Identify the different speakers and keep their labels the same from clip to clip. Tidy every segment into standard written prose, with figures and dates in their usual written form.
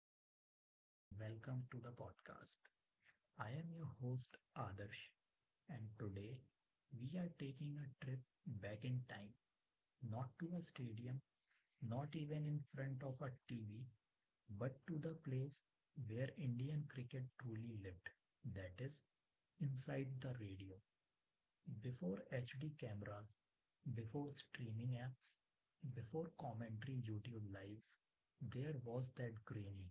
Speaker 1: everyone, and welcome to the podcast. I am your host, Adarsh, and today we are taking a trip back in time, not to a stadium, not even in front of a TV, but to the place where Indian cricket truly lived, that is, inside the radio before HD cameras, before streaming apps, before commentary YouTube lives, there was that grainy,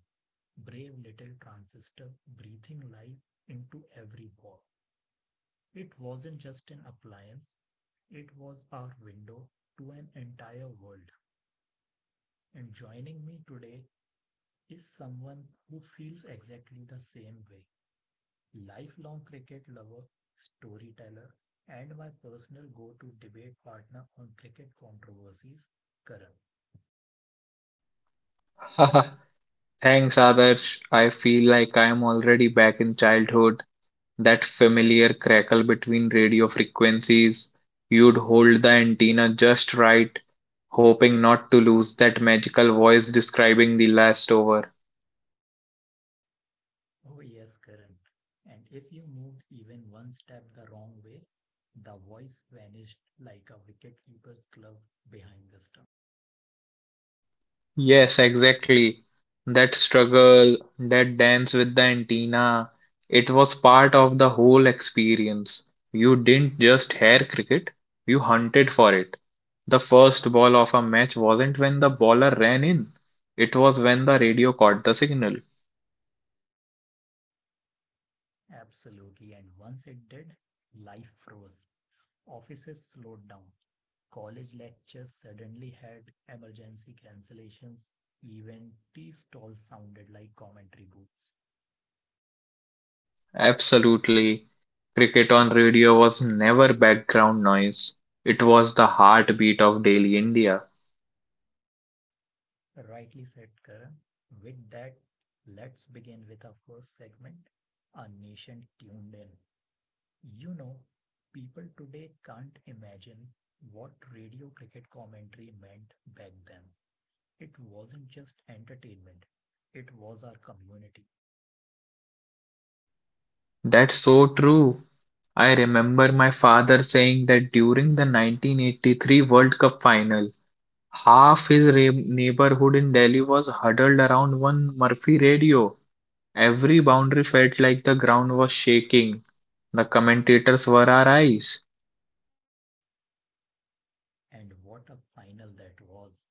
Speaker 1: brave little transistor breathing life into every wall. It wasn't just an appliance, it was our window to an entire world. And joining me today is someone who feels exactly the same way. Lifelong cricket lover, storyteller, and my personal go to debate partner on cricket controversies, Karan.
Speaker 2: Haha, Thanks, Adarsh. I feel like I am already back in childhood. That familiar crackle between radio frequencies. You'd hold the antenna just right, hoping not to lose that magical voice describing the last over.
Speaker 1: Oh, yes, Karan. And if you moved even one step the wrong way, the voice vanished like a wicketkeeper's glove behind the stump.
Speaker 2: Yes, exactly. That struggle, that dance with the antenna, it was part of the whole experience. You didn't just hear cricket, you hunted for it. The first ball of a match wasn't when the bowler ran in, it was when the radio caught the signal.
Speaker 1: Absolutely. And once it did, life froze. Offices slowed down. College lectures suddenly had emergency cancellations. Even tea stalls sounded like commentary booths.
Speaker 2: Absolutely. Cricket on radio was never background noise, it was the heartbeat of daily India.
Speaker 1: Rightly said, Karan. With that, let's begin with our first segment, Our Nation Tuned In. You know, people today can't imagine what radio cricket commentary meant back then. It wasn't just entertainment, it was our community.
Speaker 2: That's so true. I remember my father saying that during the 1983 World Cup final, half his neighborhood in Delhi was huddled around one Murphy radio. Every boundary felt like the ground was shaking. The commentators were our eyes.
Speaker 1: And what a final that was.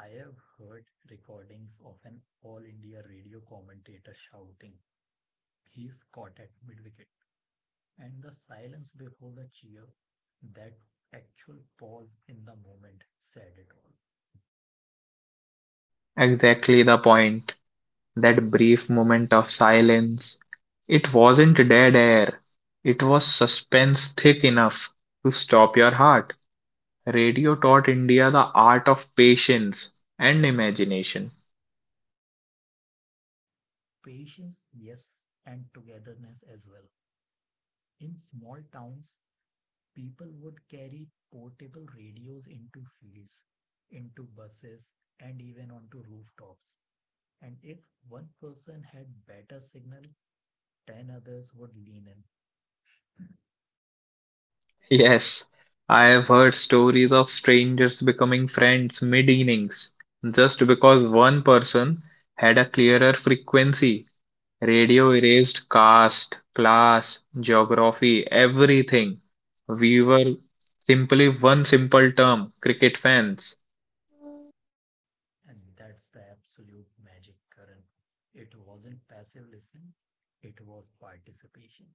Speaker 1: I have heard recordings of an All India Radio commentator shouting, "He's caught at mid wicket," and the silence before the cheer, that actual pause in the moment said it all.
Speaker 2: Exactly the point. That brief moment of silence. It wasn't dead air. It was suspense thick enough to stop your heart. Radio taught India the art of patience and imagination.
Speaker 1: Patience, yes, and togetherness as well. In small towns, people would carry portable radios into fields, into buses, and even onto rooftops. And if one person had better signal, 10 others would lean in.
Speaker 2: Yes, I have heard stories of strangers becoming friends mid innings just because one person had a clearer frequency. Radio erased caste, class, geography, everything. We were simply one simple term cricket fans.
Speaker 1: And that's the absolute magic current. It wasn't passive listening, it was participation.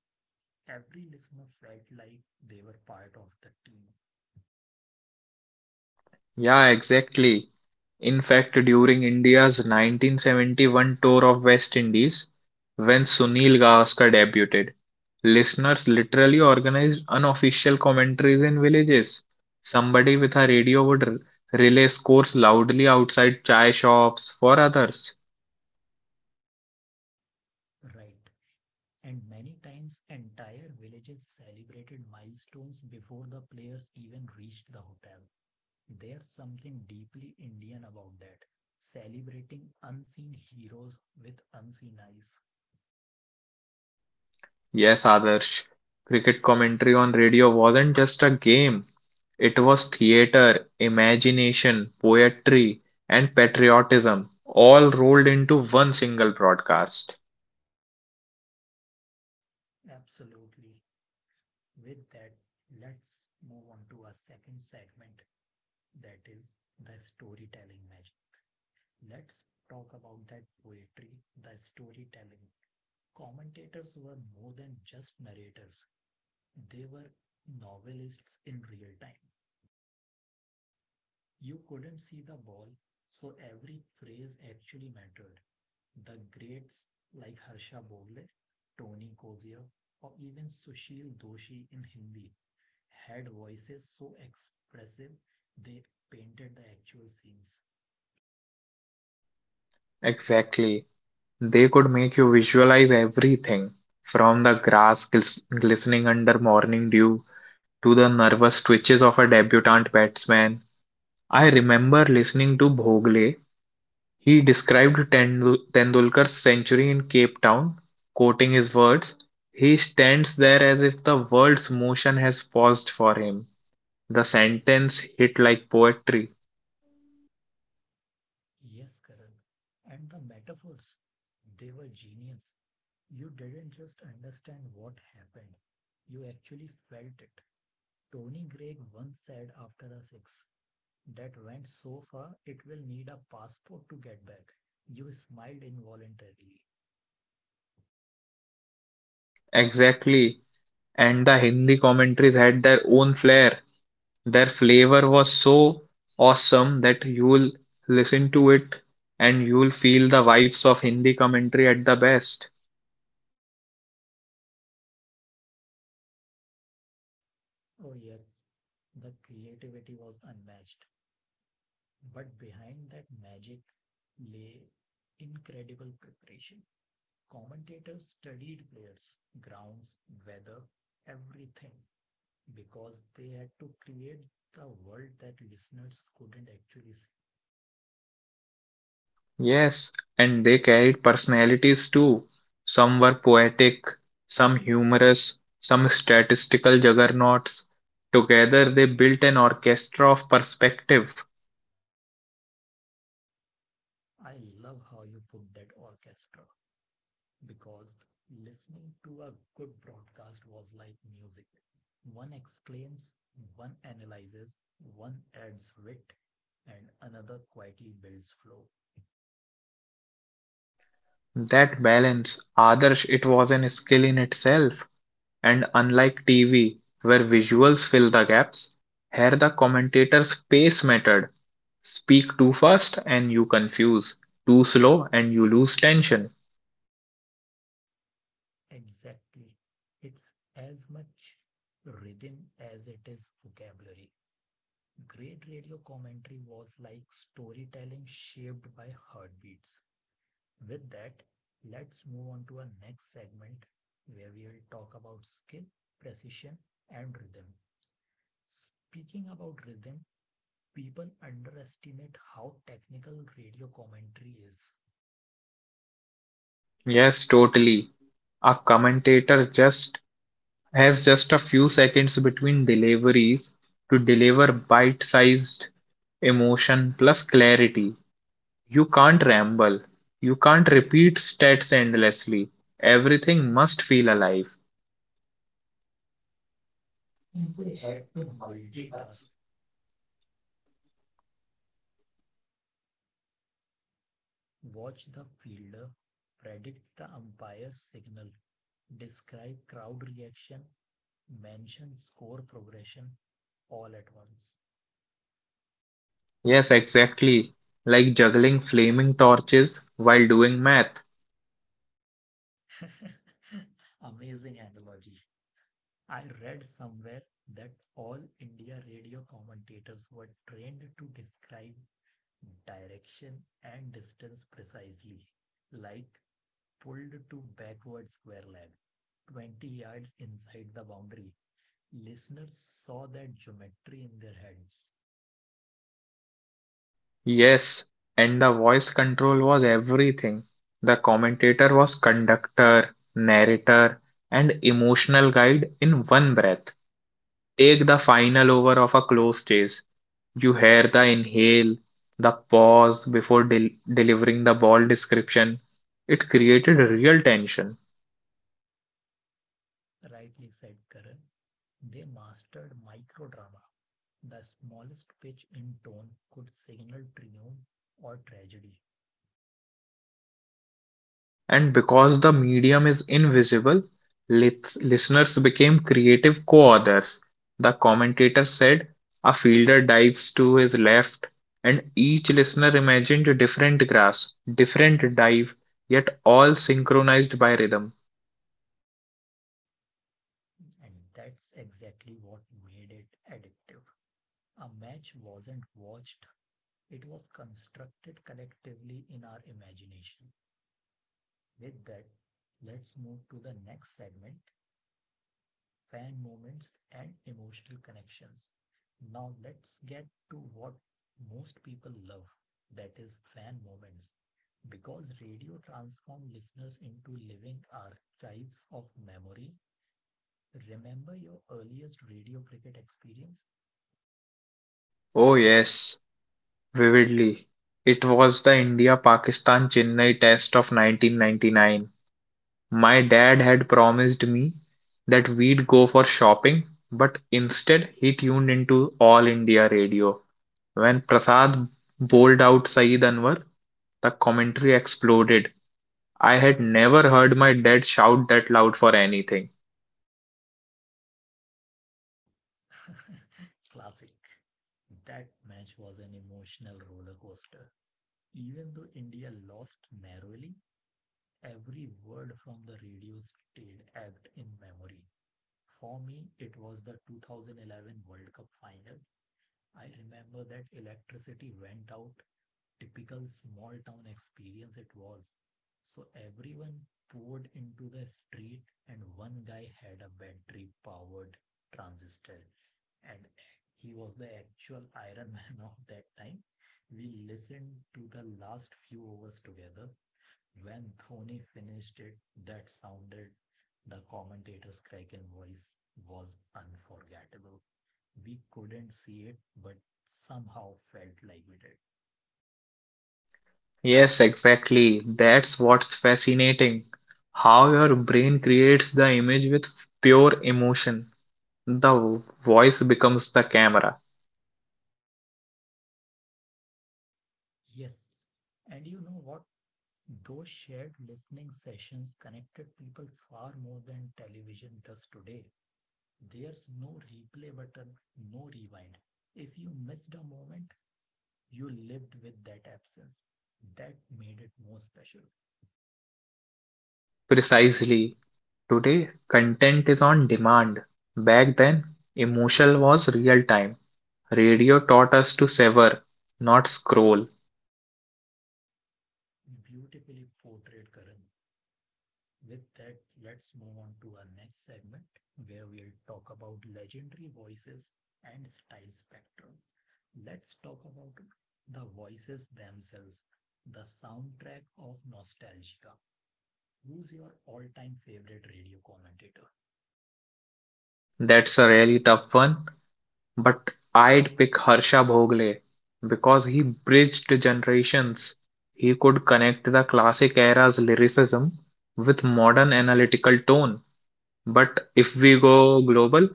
Speaker 1: Every listener felt like they were part of the team.
Speaker 2: Yeah, exactly. In fact, during India's 1971 tour of West Indies, when Sunil Gavaskar debuted, listeners literally organized unofficial commentaries in villages. Somebody with a radio would relay scores loudly outside chai shops for others.
Speaker 1: Right. And many times, entire villages celebrated milestones before the players even reached the hotel. There's something deeply Indian about that. Celebrating unseen heroes with unseen eyes.
Speaker 2: Yes, Adarsh, cricket commentary on radio wasn't just a game, it was theater, imagination, poetry, and patriotism all rolled into one single broadcast.
Speaker 1: Absolutely. With that, let's move on to our second segment, that is the storytelling magic. Let's talk about that poetry, the storytelling. Commentators were more than just narrators, they were novelists in real time. You couldn't see the ball, so every phrase actually mattered. The greats like Harsha Bogle, Tony Kozier, or even Sushil Doshi in Hindi had voices so expressive they painted the actual scenes.
Speaker 2: Exactly. They could make you visualize everything from the glistening under morning dew to the nervous twitches of a debutant batsman. I remember listening to Bhogle. He described Tendulkar's century in Cape Town, quoting his words. He stands there as if the world's motion has paused for him. The sentence hit like poetry.
Speaker 1: Yes, Karan. And the metaphors, they were genius. You didn't just understand what happened, you actually felt it. Tony Gregg once said after a six that went so far it will need a passport to get back. You smiled involuntarily.
Speaker 2: Exactly. And the Hindi commentaries had their own flair. Their flavor was so awesome that you'll listen to it and you'll feel the vibes of Hindi commentary at the best.
Speaker 1: Oh, yes, the creativity was unmatched. But behind that magic lay incredible preparation. Commentators studied players, grounds, weather, everything, because they had to create the world that listeners couldn't actually see.
Speaker 2: Yes, and they carried personalities too. Some were poetic, some humorous, some statistical juggernauts. Together they built an orchestra of perspective.
Speaker 1: I love how you put that, orchestra, because listening to a good broadcast was like music. One exclaims, one analyzes, one adds wit, and another quietly builds flow.
Speaker 2: That balance, Adarsh, it was an skill in itself. And unlike TV, where visuals fill the gaps, here the commentator's pace mattered. Speak too fast and you confuse, too slow and you lose tension.
Speaker 1: Exactly. It's as much rhythm as it is vocabulary. Great radio commentary was like storytelling shaped by heartbeats. With that, let's move on to our next segment where we will talk about skill, precision, and rhythm. Speaking about rhythm, people underestimate how technical radio commentary is,
Speaker 2: Yes, totally. A commentator just has just a few seconds between deliveries to deliver bite sized emotion plus clarity. You can't ramble. You can't repeat stats endlessly. Everything must feel alive.
Speaker 1: and they had to multitask. Watch the fielder, predict the umpire's signal, describe crowd reaction, mention score progression all at once.
Speaker 2: Yes, exactly. Like juggling flaming torches while doing math.
Speaker 1: Amazing analogy. I read somewhere that all India radio commentators were trained to describe direction and distance precisely, like pulled to backward square leg, 20 yards inside the boundary. Listeners saw that geometry in their heads.
Speaker 2: Yes, and the voice control was everything. The commentator was conductor, narrator, and emotional guide in one breath. Take the final over of a close chase. You hear the inhale, the pause before delivering the ball description. It created real tension.
Speaker 1: Rightly said Karan, they mastered microdrama. The smallest pitch in tone could signal triumph or tragedy,
Speaker 2: And because the medium is invisible, listeners became creative co authors. The commentator said, A fielder dives to his left, and each listener imagined a different grass, different dive, yet all synchronized by rhythm.
Speaker 1: and that's exactly what made it addictive. A match wasn't watched, it was constructed collectively in our imagination. With that, let's move to the next segment, fan moments, and emotional connections. Now let's get to what most people love, that is, fan moments. Because radio transformed listeners into living archives of memory. Remember your earliest radio cricket experience?
Speaker 2: Oh, yes, vividly. It was the India Pakistan Chennai test of 1999. My dad had promised me that we'd go for shopping, but instead he tuned into All India Radio. When Prasad bowled out Saeed Anwar, the commentary exploded. I had never heard my dad shout that loud for anything.
Speaker 1: Classic. That match was an emotional roller coaster. Even though India lost narrowly, every word from the radio stayed act in memory. For me, it was the 2011 World Cup final. I remember that electricity went out, typical small town experience it was. So everyone poured into the street, and one guy had a battery powered transistor, and he was the actual Iron Man of that time. We listened to the last few overs together, when Thony finished it, that sounded, the commentator's cracking voice was unforgettable. We couldn't see it, but somehow felt like we did.
Speaker 2: Yes, exactly. That's what's fascinating. How your brain creates the image with pure emotion. The voice becomes the camera.
Speaker 1: Yes. And you know what? Those shared listening sessions connected people far more than television does today. There's no replay button, no rewind. If you missed a moment, you lived with that absence. That made it more special.
Speaker 2: Precisely. Today, content is on demand. Back then, emotion was real time. Radio taught us to sever, not scroll.
Speaker 1: Beautifully portrayed, Karan. With that, let's move on to our next segment where we'll talk about legendary voices and style spectrum. Let's talk about the voices themselves, the soundtrack of nostalgia. Who's your all-time favorite radio commentator?
Speaker 2: That's a really tough one, but I'd pick Harsha Bhogle because he bridged generations. He could connect the classic era's lyricism with modern analytical tone. But if we go global,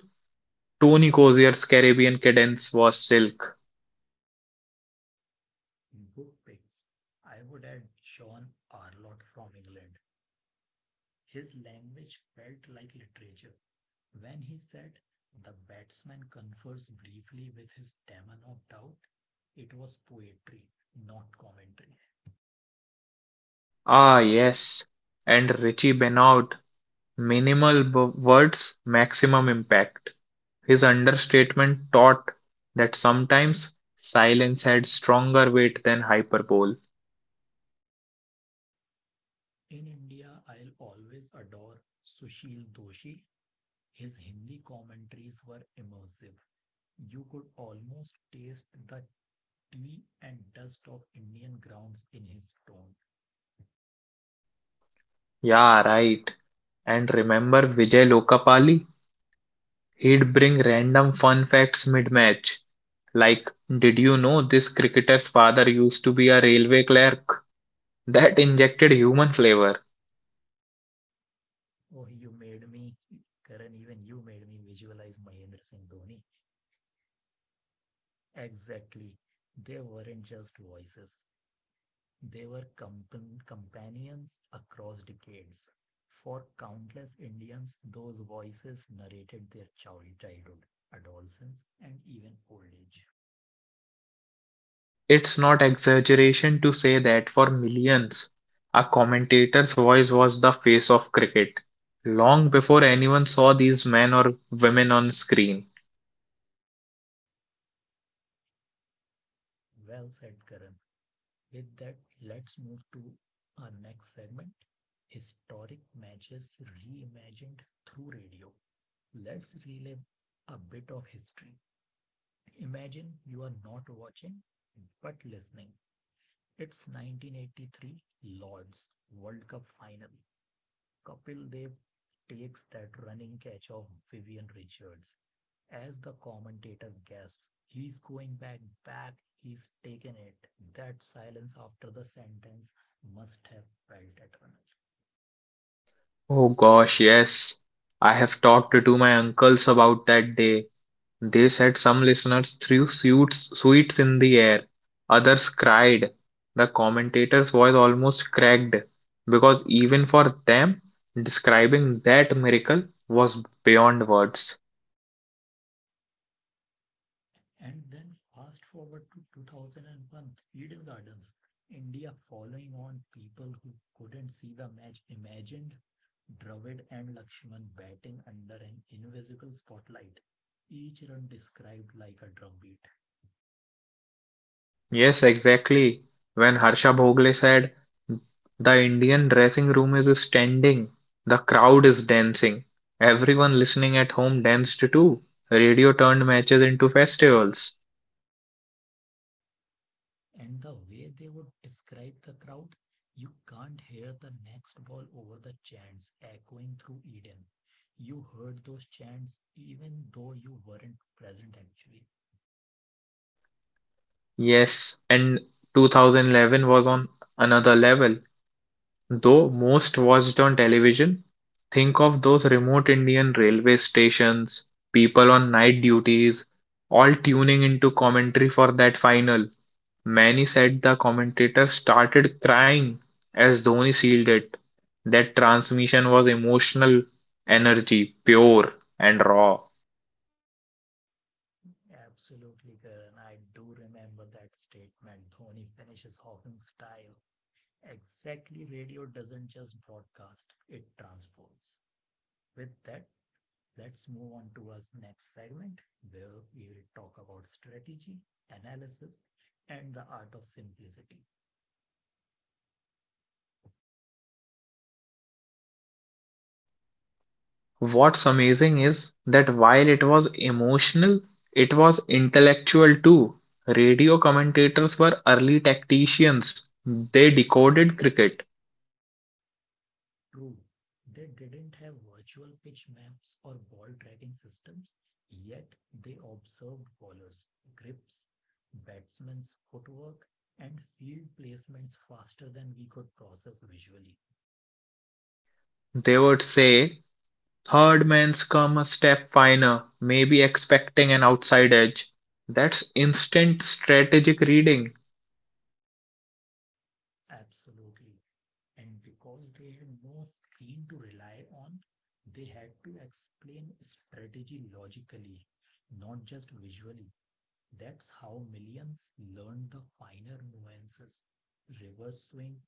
Speaker 2: Tony Cozier's Caribbean cadence was silk.
Speaker 1: Good picks. I would add John Arlott from England. His language felt like literature. When he said, "The batsman confers briefly with his demon of doubt," it was poetry, not commentary.
Speaker 2: Ah, yes. And Richie Benoit "Minimal words, maximum impact" his understatement taught that sometimes silence had stronger weight than hyperbole.
Speaker 1: In India, I'll always adore Sushil Doshi. His Hindi commentaries were immersive. You could almost taste the tea and dust of Indian grounds in his tone.
Speaker 2: Yeah, right. And remember Vijay Lokapali? He'd bring random fun facts mid-match. Like, did you know this cricketer's father used to be a railway clerk? That injected human flavor.
Speaker 1: Oh, you made me, Karan, even you made me visualize Mahendra Singh Dhoni. Exactly. They weren't just voices, they were companions across decades. For countless Indians, those voices narrated their childhood, adolescence, and even old age.
Speaker 2: It's not exaggeration to say that for millions, a commentator's voice was the face of cricket, long before anyone saw these men or women on screen.
Speaker 1: Well said, Karan. With that, let's move to our next segment, historic matches reimagined through radio. Let's relive a bit of history. Imagine you are not watching but listening. It's 1983, Lord's World Cup final. Kapil Dev takes that running catch of Vivian Richards. As the commentator gasps, "He's going back, back, he's taken it." That silence after the sentence must have felt eternal.
Speaker 2: Oh gosh, yes. I have talked to my uncles about that day. They said some listeners threw sweets, sweets in the air, others cried. The commentator's voice almost cracked because even for them, describing that miracle was beyond words.
Speaker 1: And then fast forward to 2001, Eden Gardens, India following on, people who couldn't see the match imagined Dravid and Lakshman batting under an invisible spotlight, each run described like a drumbeat.
Speaker 2: Yes, exactly. When Harsha Bhogle said, The Indian dressing room is standing, the crowd is dancing. Everyone listening at home danced too. Radio turned matches into festivals.
Speaker 1: And the way they would describe the crowd, you can't hear the next ball over the chants echoing through Eden. You heard those chants even though you weren't present actually.
Speaker 2: Yes, and 2011 was on another level. Though most watched on television, think of those remote Indian railway stations, people on night duties, all tuning into commentary for that final. Many said the commentator started crying as Dhoni sealed it. That transmission was emotional energy, pure and raw.
Speaker 1: Absolutely, Karan. I do remember that statement. Dhoni finishes off in style. Exactly, radio doesn't just broadcast, it transports. With that, let's move on to our next segment where we will talk about strategy, analysis, and the art of simplicity.
Speaker 2: What's amazing is that while it was emotional, it was intellectual too. Radio commentators were early tacticians. They decoded cricket.
Speaker 1: True, they didn't have virtual pitch maps or ball tracking systems, yet they observed bowlers' grips, batsmen's footwork, and field placements faster than we could process visually.
Speaker 2: They would say, "Third man's come a step finer, maybe expecting an outside edge. That's instant strategic reading.
Speaker 1: Absolutely. And because they had no screen to rely on, they had to explain strategy logically, not just visually. That's how millions learned the finer nuances, reverse swing,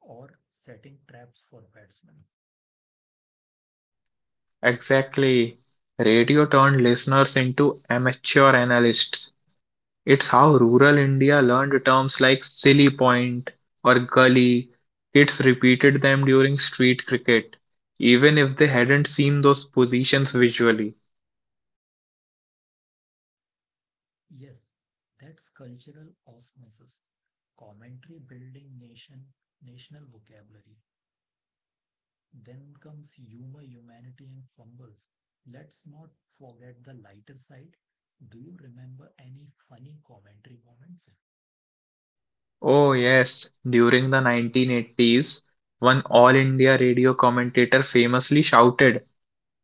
Speaker 1: or setting traps for batsmen.
Speaker 2: Exactly. Radio turned listeners into amateur analysts. It's how rural India learned terms like silly point or gully. Kids repeated them during street cricket, even if they hadn't seen those positions visually.
Speaker 1: Yes, that's cultural osmosis, commentary building nation, national vocabulary. Then comes humor, humanity, and fumbles. Let's not forget the lighter side. Do you remember any funny commentary moments?
Speaker 2: Oh, yes, during the 1980s, one All India radio commentator famously shouted,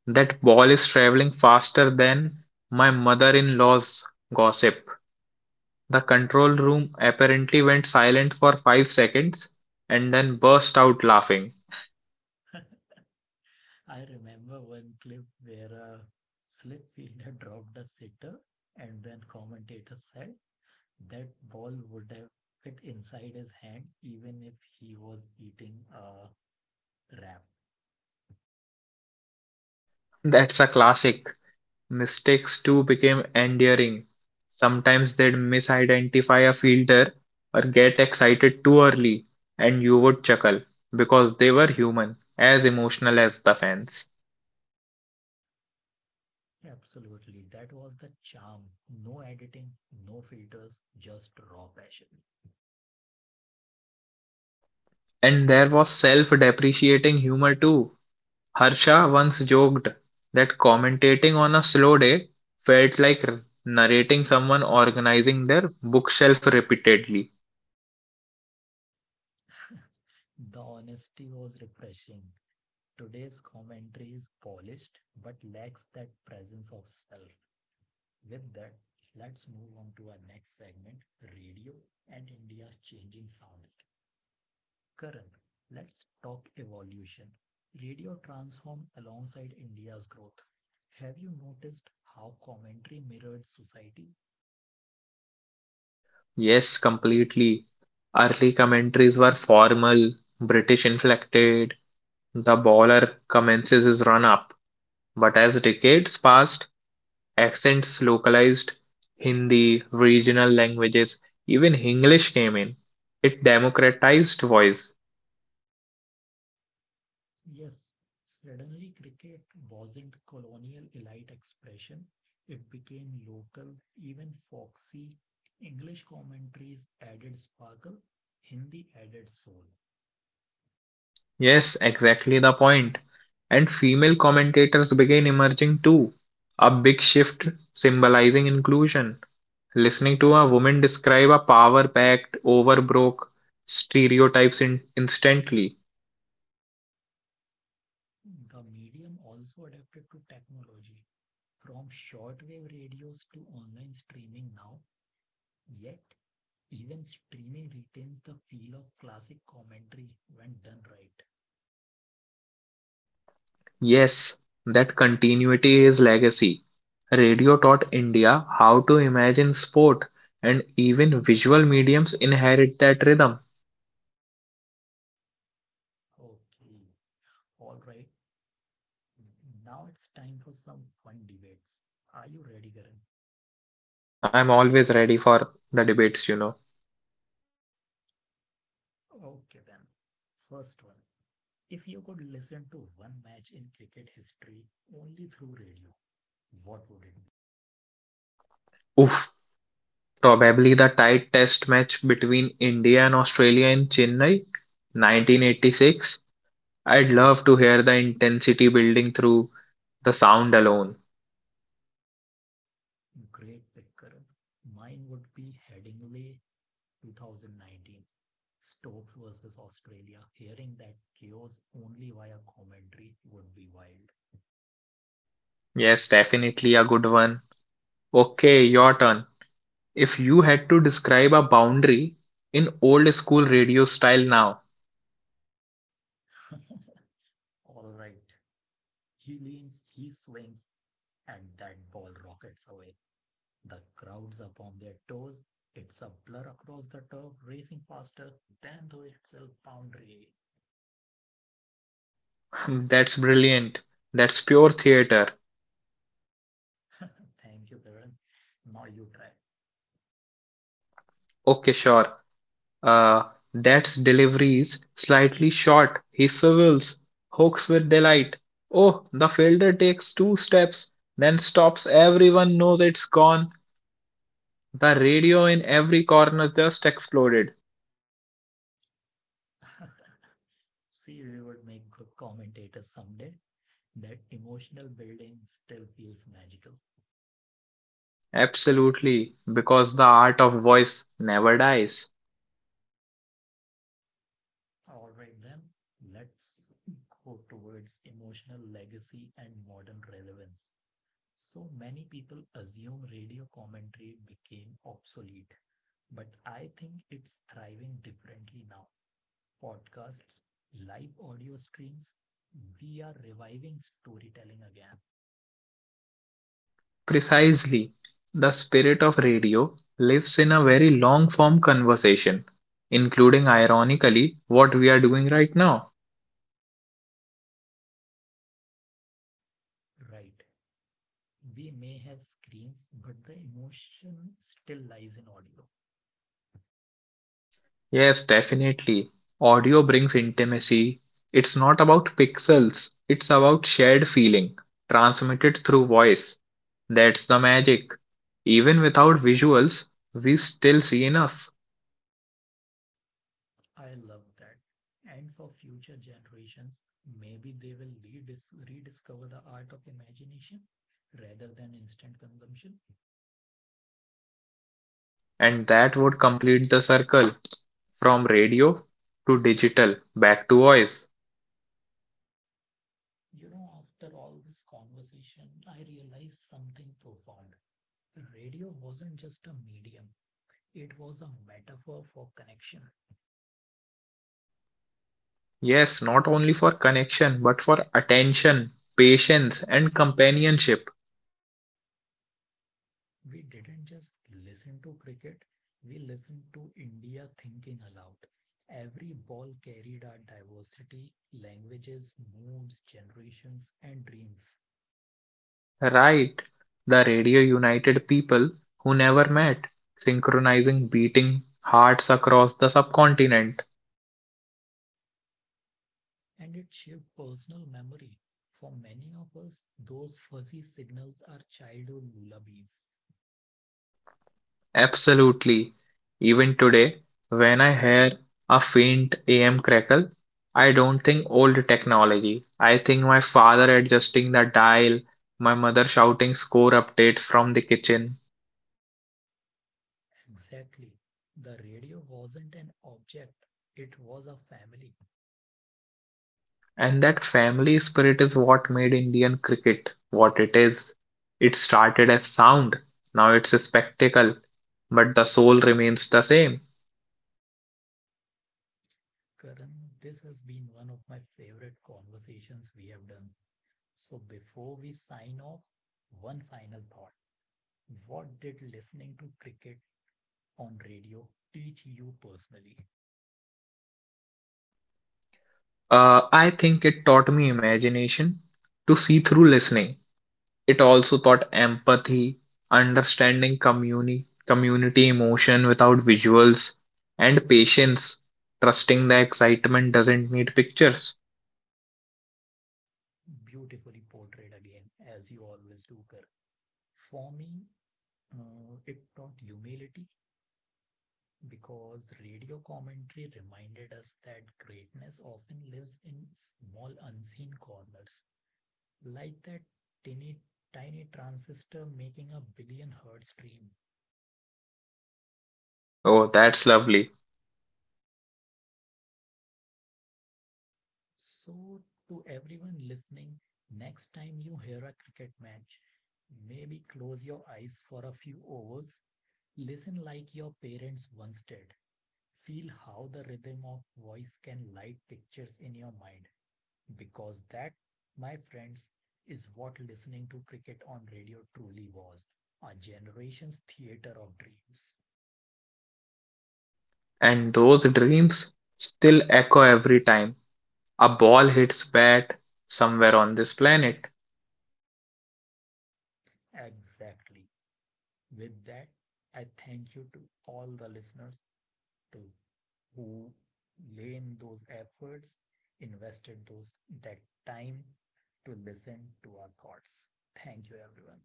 Speaker 2: That ball is traveling faster than my mother in law's gossip. The control room apparently went silent for 5 seconds and then burst out laughing.
Speaker 1: I remember one clip where a slip fielder dropped a sitter, and then commentator said, "That ball would have fit inside his hand even if he was eating a wrap."
Speaker 2: That's a classic. Mistakes too became endearing. Sometimes they'd misidentify a fielder or get excited too early, and you would chuckle because they were human, as emotional as the fans.
Speaker 1: Absolutely. That was the charm. No editing, no filters, just raw passion.
Speaker 2: And there was self depreciating humor too. Harsha once joked that commentating on a slow day felt like narrating someone organizing their bookshelf repeatedly.
Speaker 1: The honesty was refreshing. Today's commentary is polished but lacks that presence of self. With that, let's move on to our next segment, radio and India's changing soundscape. Current. Let's talk evolution. Radio transformed alongside India's growth. Have you noticed how commentary mirrored society?
Speaker 2: Yes, completely. Early commentaries were formal, British inflected, the bowler commences his run up. But as decades passed, accents localized, Hindi, regional languages, even English came in. It democratized voice.
Speaker 1: Yes, suddenly cricket wasn't colonial elite expression, it became local, even foxy. English commentaries added sparkle, Hindi added soul.
Speaker 2: Yes, exactly the point. And female commentators began emerging too, a big shift symbolizing inclusion. Listening to a woman describe a power packed, overbroke stereotypes instantly.
Speaker 1: The medium also adapted to technology, from shortwave radios to online streaming now, yet even streaming retains the feel of classic commentary when done right.
Speaker 2: Yes, that continuity is legacy. Radio taught India how to imagine sport, and even visual mediums inherit that rhythm.
Speaker 1: Okay, all right. Now it's time for some fun debates. Are you ready, Karan?
Speaker 2: I'm always ready for the debates, you know.
Speaker 1: Okay, then. First one. If you could listen to one match in cricket history only through radio, what would it
Speaker 2: Oof, probably the tight test match between India and Australia in Chennai, 1986. I'd love to hear the intensity building through the sound alone.
Speaker 1: be? Great pick, Karan. Mine would be Headingley 2019. Stokes versus Australia. Hearing that chaos only via commentary would be wild.
Speaker 2: Yes, definitely a good one. Okay, your turn. If you had to describe a boundary in old school radio style now,
Speaker 1: All right. He leans, he swings, and that ball rockets away. The crowd's up on their toes. It's a blur across the turf, racing faster than the itself boundary.
Speaker 2: that's brilliant. That's pure theater.
Speaker 1: Thank you, Kiran. Now you try.
Speaker 2: Okay, sure. Uh, that's deliveries slightly short. He swivels, hooks with delight. Oh, the fielder takes two steps, then stops. Everyone knows it's gone. The radio in every corner just exploded.
Speaker 1: See, we would make good commentators someday. That emotional building still feels magical.
Speaker 2: Absolutely, because the art of voice never dies.
Speaker 1: All right, then, let's go towards emotional legacy and modern relevance. So many people assume radio commentary became obsolete, but I think it's thriving differently now. Podcasts, live audio streams, we are reviving storytelling again.
Speaker 2: Precisely. The spirit of radio lives in a very long form conversation, including, ironically, what we are doing right now.
Speaker 1: Right. We may have screens, but the emotion still lies in audio.
Speaker 2: Yes, definitely. Audio brings intimacy. It's not about pixels, it's about shared feeling, transmitted through voice. That's the magic. Even without visuals, we still see enough,
Speaker 1: I love that. And for future generations, maybe they will rediscover the art of imagination rather than instant consumption.
Speaker 2: and that would complete the circle from radio to digital back to voice.
Speaker 1: You know, after all this conversation, I realized something profound. Radio wasn't just a medium, it was a metaphor for connection.
Speaker 2: Yes, not only for connection, but for attention, patience, and companionship.
Speaker 1: We didn't just listen to cricket, we listened to India thinking aloud. Every ball carried our diversity, languages, moods, generations, and dreams.
Speaker 2: Right. The radio united people who never met, synchronizing beating hearts across the subcontinent.
Speaker 1: And it shaped personal memory. For many of us, those fuzzy signals are childhood lullabies.
Speaker 2: Absolutely. Even today, when I hear a faint AM crackle, I don't think old technology. I think my father adjusting the dial, my mother shouting score updates from the kitchen,
Speaker 1: Exactly. The radio wasn't an object, it was a family.
Speaker 2: and that family spirit is what made Indian cricket what it is. It started as sound, now it's a spectacle, but the soul remains the same.
Speaker 1: Karan, this has been one of my favorite conversations we have done. So before we sign off, one final thought. What did listening to cricket on radio teach you personally?
Speaker 2: I think it taught me imagination to see through listening. It also taught empathy, understanding community emotion without visuals, and patience, trusting the excitement doesn't need pictures.
Speaker 1: Beautifully portrayed again, as you always do, Karan. For me, it taught humility because radio commentary reminded us that greatness often lives in small unseen corners, like that tiny, tiny transistor making a billion hertz stream.
Speaker 2: Oh, that's lovely.
Speaker 1: So, to everyone listening, next time you hear a cricket match, maybe close your eyes for a few hours, listen like your parents once did. Feel how the rhythm of voice can light pictures in your mind. Because that, my friends, is what listening to cricket on radio truly was, a generation's theater of dreams.
Speaker 2: And those dreams still echo every time a ball hits bat somewhere on this planet.
Speaker 1: Exactly. With that, I thank you to all the listeners to who lay in those efforts, invested those that time to listen to our thoughts. Thank you, everyone.